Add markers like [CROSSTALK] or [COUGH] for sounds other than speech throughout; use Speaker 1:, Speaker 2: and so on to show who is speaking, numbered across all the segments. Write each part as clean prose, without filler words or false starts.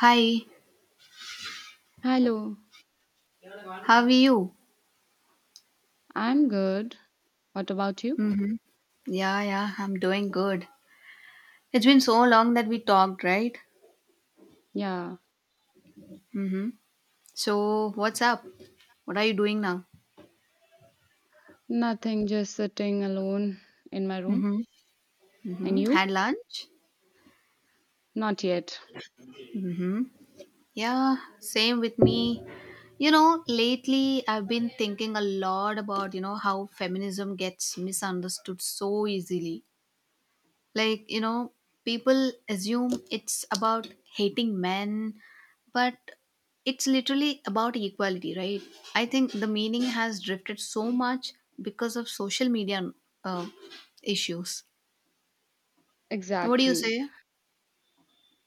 Speaker 1: Hi,
Speaker 2: Hello,
Speaker 1: how are you?
Speaker 2: I'm good. What about you?
Speaker 1: Mm-hmm. Yeah, yeah, I'm doing good. It's been so long that we talked, right?
Speaker 2: Yeah,
Speaker 1: Mm-hmm. So, what's up? What are you doing now?
Speaker 2: nothing, just sitting alone in my room.
Speaker 1: Mm-hmm.
Speaker 2: And
Speaker 1: Mm-hmm.
Speaker 2: you?
Speaker 1: Had lunch?
Speaker 2: Not yet.
Speaker 1: Yeah, same with me. Lately, I've been thinking a lot about, how feminism gets misunderstood so easily. Like, people assume it's about hating men, but it's literally about equality, right? I think the meaning has drifted so much because of social media uh, issues. What do you
Speaker 2: Exactly.
Speaker 1: say?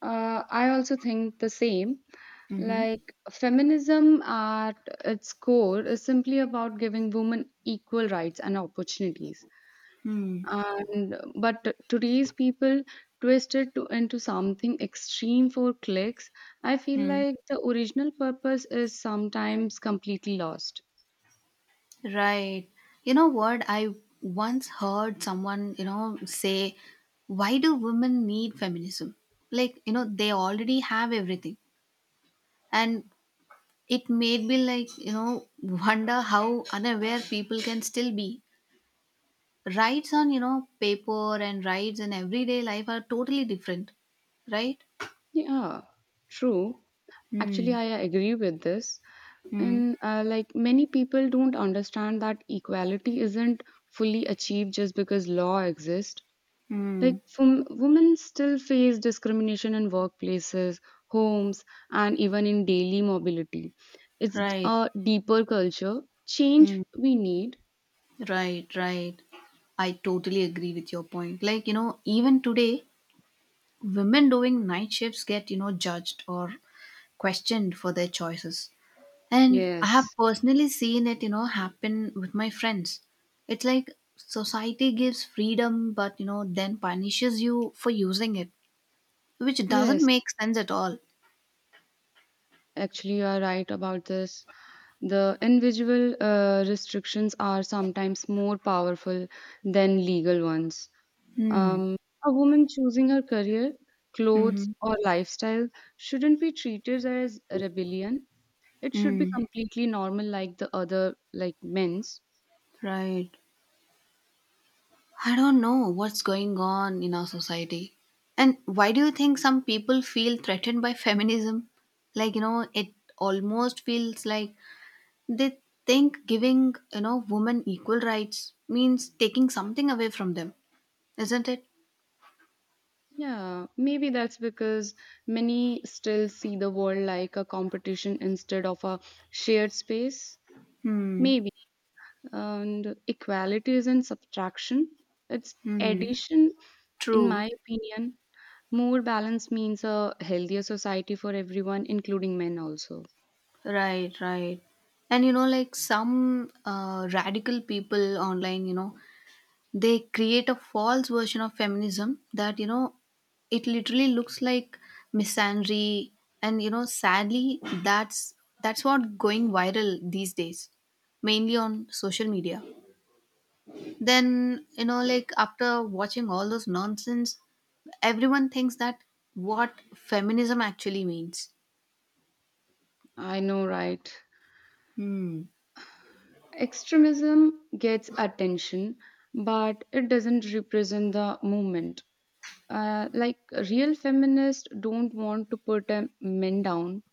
Speaker 2: I also think the same.
Speaker 1: Mm-hmm.
Speaker 2: Like, feminism at its core is simply about giving women equal rights and opportunities.
Speaker 1: Hmm.
Speaker 2: And but today's people twist it into something extreme for clicks. I feel
Speaker 1: Hmm.
Speaker 2: like the original purpose is sometimes completely lost.
Speaker 1: Right. You know what, I once heard someone, say, why do women need feminism? Like, they already have everything. And it made me, like, wonder how unaware people can still be. Rights on, paper and rights in everyday life are totally different, right?
Speaker 2: Yeah, true. Actually,
Speaker 1: Hmm.
Speaker 2: I agree with this.
Speaker 1: Hmm.
Speaker 2: And like many people don't understand that equality isn't fully achieved just because law exists. Like
Speaker 1: Hmm.
Speaker 2: from, women still face discrimination in workplaces, homes, and even in daily mobility. It's
Speaker 1: Right.
Speaker 2: a deeper culture change
Speaker 1: Hmm.
Speaker 2: we need.
Speaker 1: Right. Right. I totally agree with your point. Like, even today, women doing night shifts get, judged or questioned for their choices. And I have
Speaker 2: Yes.
Speaker 1: personally seen it, happen with my friends. It's like society gives freedom, but, then punishes you for using it, which doesn't
Speaker 2: Yes,
Speaker 1: make sense at all.
Speaker 2: actually, you are right about this. The individual restrictions are sometimes more powerful than legal ones.
Speaker 1: Hmm.
Speaker 2: Um, a woman choosing her career, clothes,
Speaker 1: Mm-hmm.
Speaker 2: or lifestyle shouldn't be treated as rebellion. It should be
Speaker 1: Mm.
Speaker 2: completely normal, like the other, like men's.
Speaker 1: Right. I don't know what's going on in our society. And why do you think some people feel threatened by feminism? Like, it almost feels like they think giving, women equal rights means taking something away from them. Isn't it?
Speaker 2: Yeah, maybe that's because many still see the world like a competition instead of a shared space.
Speaker 1: Hmm.
Speaker 2: Maybe. And equality isn't subtraction, it's
Speaker 1: Hmm.
Speaker 2: addition. In
Speaker 1: True.
Speaker 2: my opinion, more balance means a healthier society for everyone, including men also.
Speaker 1: Right, right. And like, some radical people online, they create a false version of feminism that, it literally looks like misandry. And sadly, that's what going viral these days, mainly on social media. Then like, after watching all those nonsense, everyone thinks that what feminism actually means.
Speaker 2: I know, right?
Speaker 1: Hmm.
Speaker 2: Extremism gets attention, but it doesn't represent the movement. Like real feminists don't want to put men down.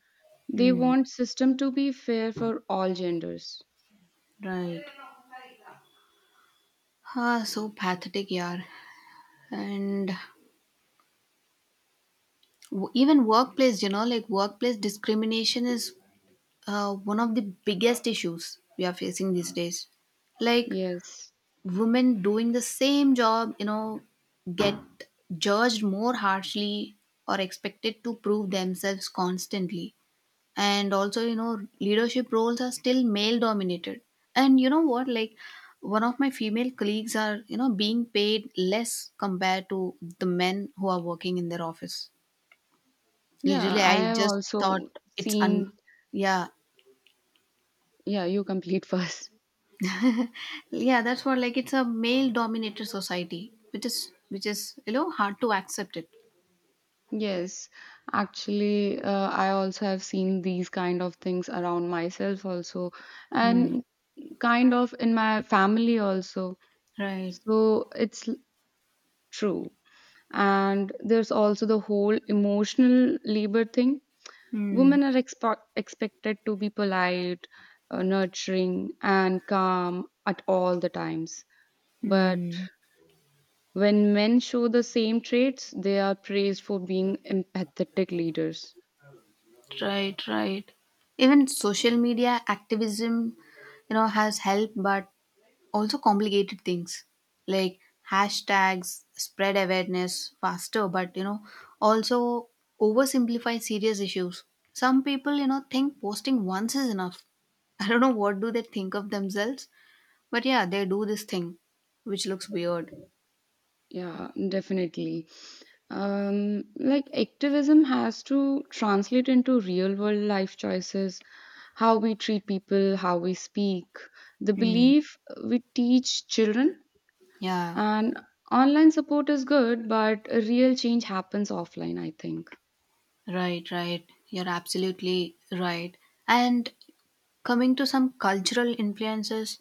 Speaker 2: They
Speaker 1: Hmm.
Speaker 2: want system to be fair for all genders.
Speaker 1: Right. Ah, so pathetic, yeah. And even workplace, like, workplace discrimination is one of the biggest issues we are facing these days. Like
Speaker 2: Yes.
Speaker 1: women doing the same job, get judged more harshly or expected to prove themselves constantly. And also, leadership roles are still male dominated. And you know what, like, one of my female colleagues are, being paid less compared to the men who are working in their office.
Speaker 2: Yeah,
Speaker 1: Literally,
Speaker 2: I
Speaker 1: I
Speaker 2: have
Speaker 1: just
Speaker 2: also
Speaker 1: thought it's un.
Speaker 2: seen.
Speaker 1: Yeah.
Speaker 2: Yeah, you complete [LAUGHS] first.
Speaker 1: Yeah, that's what, like, it's a male dominated society, which is hard to accept it.
Speaker 2: Yes, actually, I also have seen these kind of things around myself also,
Speaker 1: Hmm.
Speaker 2: and kind of in my family also.
Speaker 1: Right.
Speaker 2: So it's true. And there's also the whole emotional labor thing.
Speaker 1: Hmm.
Speaker 2: Women are expo expected to be polite, nurturing, and calm at all the times. But
Speaker 1: Hmm.
Speaker 2: when men show the same traits, they are praised for being empathetic leaders.
Speaker 1: Right, right. Even social media activism, has helped, but also complicated things, like hashtags spread awareness faster, but also oversimplify serious issues. Some people think posting once is enough. [LAUGHS] I don't know, what do they think of themselves? But yeah, they do this thing, which looks weird.
Speaker 2: Yeah, definitely. Like activism has to translate into real world life choices, how we treat people, how we speak, the
Speaker 1: Hmm.
Speaker 2: belief we teach children.
Speaker 1: Yeah,
Speaker 2: And online support is good, but a real change happens offline, I think.
Speaker 1: right, right. You're absolutely right. And coming to some cultural influences,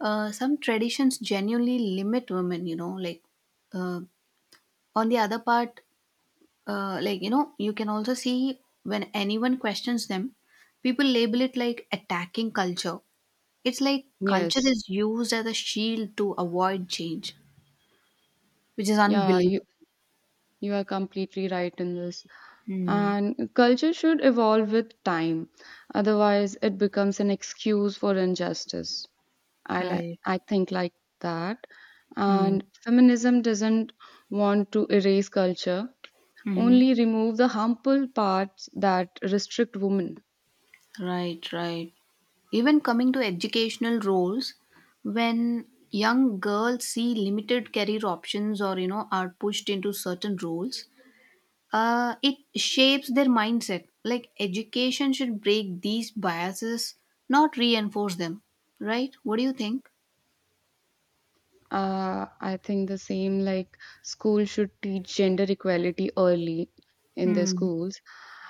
Speaker 1: some traditions genuinely limit women, like, uh, on the other part, like, you can also see. When anyone questions them, people label it like attacking culture. It's like culture
Speaker 2: Yes,
Speaker 1: is used as a shield to avoid change, which is
Speaker 2: yeah, you
Speaker 1: unbelievable.
Speaker 2: you are completely right in this.
Speaker 1: Hmm.
Speaker 2: And culture should evolve with time. Otherwise, it becomes an excuse for injustice. I like
Speaker 1: Right.
Speaker 2: I think like that.
Speaker 1: Hmm.
Speaker 2: And feminism doesn't want to erase culture,
Speaker 1: Hmm.
Speaker 2: only remove the harmful parts that restrict women.
Speaker 1: Right, right. Even coming to educational roles, when young girls see limited career options or, are pushed into certain roles, it shapes their mindset. Like education should break these biases, not reinforce them. Right? What do you think?
Speaker 2: I think the same like school should teach gender equality early in their
Speaker 1: Hmm.
Speaker 2: schools,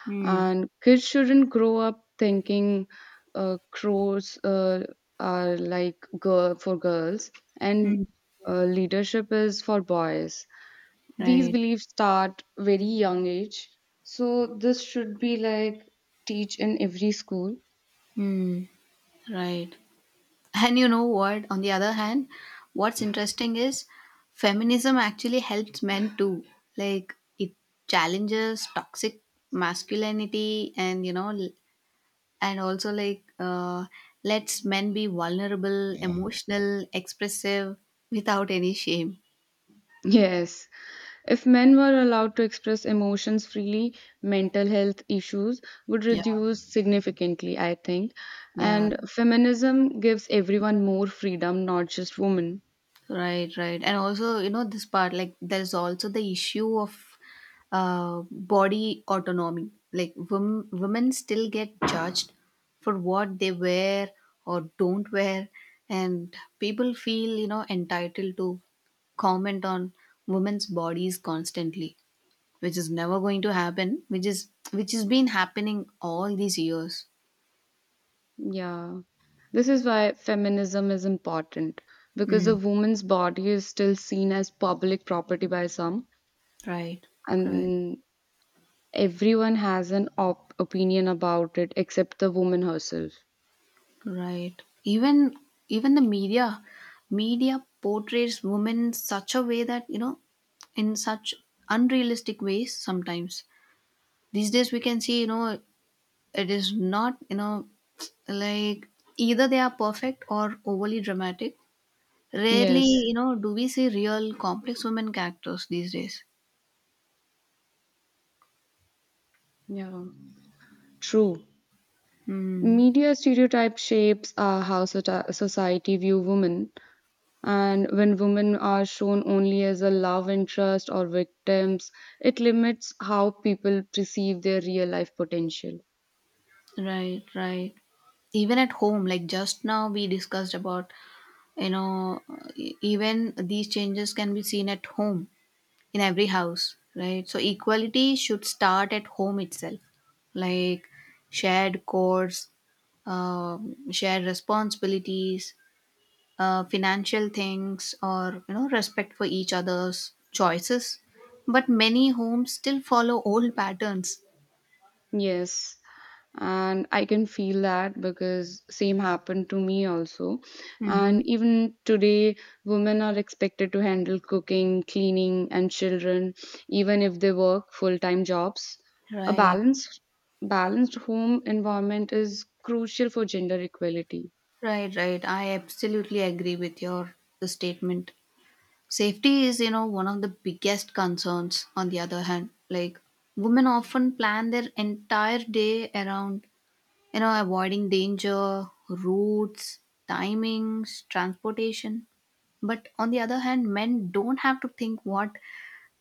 Speaker 1: Hmm.
Speaker 2: and kids shouldn't grow up thinking crows are like girl for girls
Speaker 1: Hmm.
Speaker 2: and leadership is for boys. These
Speaker 1: Right.
Speaker 2: beliefs start very young age, so this should be like teach in every school.
Speaker 1: Hmm. Right. And you know what? On the other hand, what's interesting is feminism actually helps men too. Like, it challenges toxic masculinity, and you know l- and also, like, lets men be vulnerable, emotional, expressive, without any shame.
Speaker 2: Yes, if men were allowed to express emotions freely, mental health issues would
Speaker 1: Yeah,
Speaker 2: reduce significantly, I think.
Speaker 1: yeah,
Speaker 2: And feminism gives everyone more freedom, not just women.
Speaker 1: right, right. And also this part, like, there's also the issue of body autonomy. Like women still get judged for what they wear or don't wear. And people feel, entitled to comment on women's bodies constantly, which is never going to happen, which has been happening all these years.
Speaker 2: Yeah, this is why feminism is important because a
Speaker 1: Mm,
Speaker 2: woman's body is still seen as public property by some,
Speaker 1: right, right,
Speaker 2: and Everyone has an opinion about it except the woman herself.
Speaker 1: right. Even the media portrays women in such a way that, in such unrealistic ways sometimes. These days we can see, it is not, like, either they are perfect or overly dramatic. Rarely
Speaker 2: Yes.
Speaker 1: do we see real complex women characters these days.
Speaker 2: Yeah. True.
Speaker 1: Hmm.
Speaker 2: Media stereotype shapes how society view women, and when women are shown only as a love interest or victims, it limits how people perceive their real life potential.
Speaker 1: Right, right. Even at home, like just now we discussed about, you know, even these changes can be seen at home, in every house, right? So equality should start at home itself, like shared chores, shared responsibilities, financial things, or, respect for each other's choices. But many homes still follow old patterns.
Speaker 2: Yes, and I can feel that because same happened to me also.
Speaker 1: Mm-hmm.
Speaker 2: And even today, women are expected to handle cooking, cleaning, and children, even if they work full-time jobs. A
Speaker 1: Right.
Speaker 2: balanced home environment is crucial for gender equality.
Speaker 1: Right, right. I absolutely agree with your statement. Safety is, one of the biggest concerns on the other hand. Like women often plan their entire day around, avoiding danger, routes, timings, transportation. But on the other hand, men don't have to think what,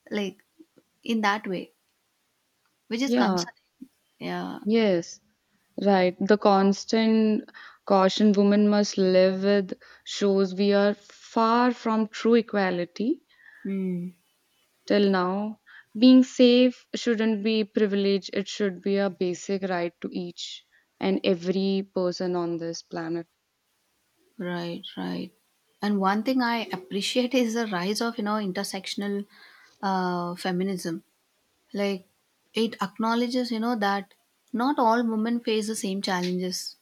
Speaker 1: like, in that way, which is
Speaker 2: Yeah,
Speaker 1: concerning. Yeah.
Speaker 2: yes, right. The constant caution women must live with shows we are far from true equality
Speaker 1: Hmm.
Speaker 2: till now. Being safe shouldn't be a privilege, it should be a basic right to each and every person on this planet.
Speaker 1: Right, right. And one thing I appreciate is the rise of, intersectional feminism. Like, it acknowledges, that not all women face the same challenges.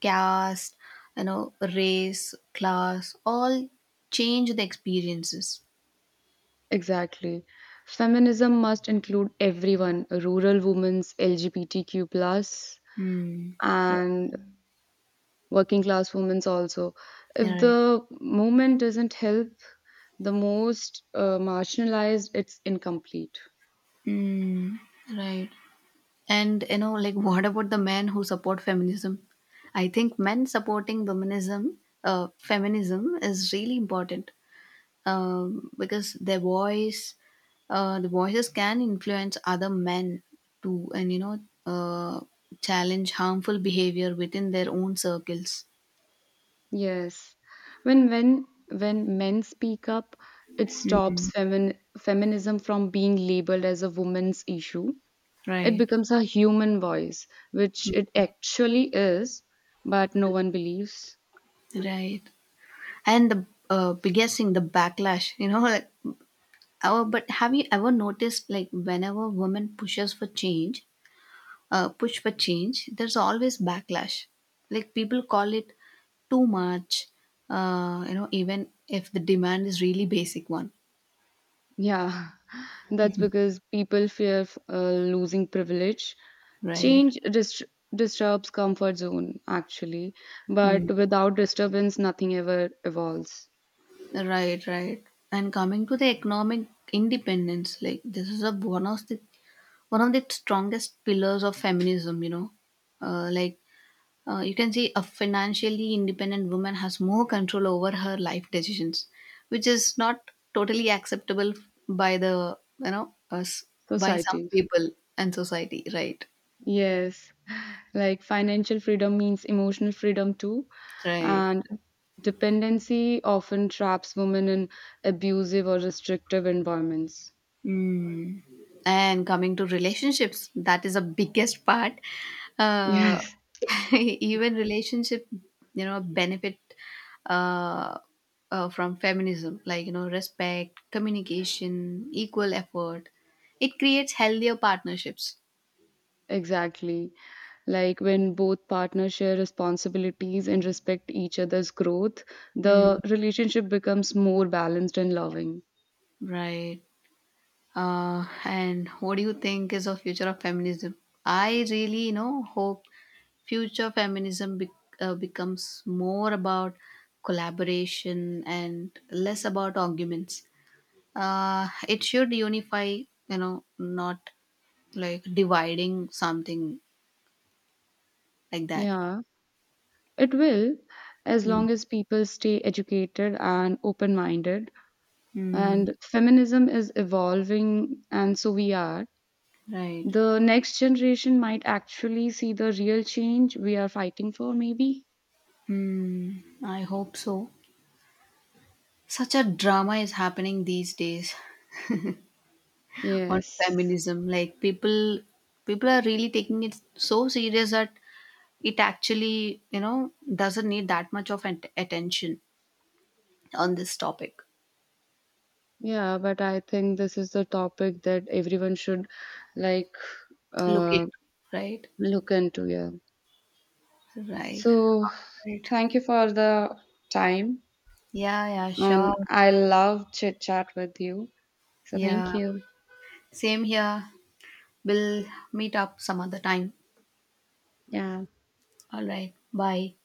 Speaker 1: Caste, race, class, all change the experiences.
Speaker 2: Exactly. Feminism must include everyone rural women, LGBTQ,
Speaker 1: Hmm.
Speaker 2: and working class women also. If
Speaker 1: Right.
Speaker 2: the movement doesn't help the most marginalized, it's incomplete.
Speaker 1: Hmm. Right. And like, what about the men who support feminism? I think men supporting feminism is really important, because their voices can influence other men to, and uh, challenge harmful behavior within their own circles.
Speaker 2: Yes. When men speak up, it stops feminism from being labeled as a woman's issue. It
Speaker 1: Right,
Speaker 2: becomes a human voice, which it actually is, but no one believes.
Speaker 1: right. And the biggest thing, the backlash. You know, [LAUGHS] like, oh, but have you ever noticed, like, whenever women pushes for change? Push for change, there's always backlash. Like people call it too much, even if the demand is really basic one,
Speaker 2: Yeah, [LAUGHS] that's because people fear losing privilege.
Speaker 1: right?
Speaker 2: Change disturbs comfort zone, actually, but
Speaker 1: Mm.
Speaker 2: without disturbance, nothing ever evolves.
Speaker 1: Right, right. And coming to the economic independence, like, this is a one of the strongest pillars of feminism. You know, like, you can see a financially independent woman has more control over her life decisions, which is not totally acceptable by the, us, by some
Speaker 2: Society.
Speaker 1: people and society, right?
Speaker 2: Yes. Like financial freedom means emotional freedom too.
Speaker 1: Right.
Speaker 2: And dependency often traps women in abusive or restrictive environments. [LAUGHS]
Speaker 1: Mm. And coming to relationships, that is the biggest part. Uh,
Speaker 2: Yes,
Speaker 1: [LAUGHS] even relationship, benefit uh, from feminism, like, respect, communication, equal effort. It creates healthier partnerships.
Speaker 2: exactly. Like when both partners share responsibilities and respect each other's growth,
Speaker 1: Mm.
Speaker 2: the relationship becomes more balanced and loving.
Speaker 1: Right. And what do you think is the future of feminism? I really, hope future feminism becomes more about collaboration and less about arguments. It should unify, not, like, dividing something, like that.
Speaker 2: Yeah, it will, as
Speaker 1: Mm.
Speaker 2: long as people stay educated and open minded.
Speaker 1: Mm,
Speaker 2: And feminism is evolving, and so we are.
Speaker 1: right.
Speaker 2: The next generation might actually see the real change we are fighting for, maybe.
Speaker 1: Mm, I hope so. Such a drama is happening these days. [LAUGHS] On
Speaker 2: Yes.
Speaker 1: feminism, like, people are really taking it so serious that it actually, doesn't need that much of an attention on this topic.
Speaker 2: Yeah, but I think this is the topic that everyone should like
Speaker 1: Look it,
Speaker 2: uh,
Speaker 1: right?
Speaker 2: look into. Yeah.
Speaker 1: Right.
Speaker 2: So
Speaker 1: Right.
Speaker 2: thank you for the time,
Speaker 1: Yeah, yeah, sure.
Speaker 2: and I love chit chat with you. So thank
Speaker 1: Yeah.
Speaker 2: you.
Speaker 1: Same here. We'll meet up some other time.
Speaker 2: Yeah.
Speaker 1: All right. Bye.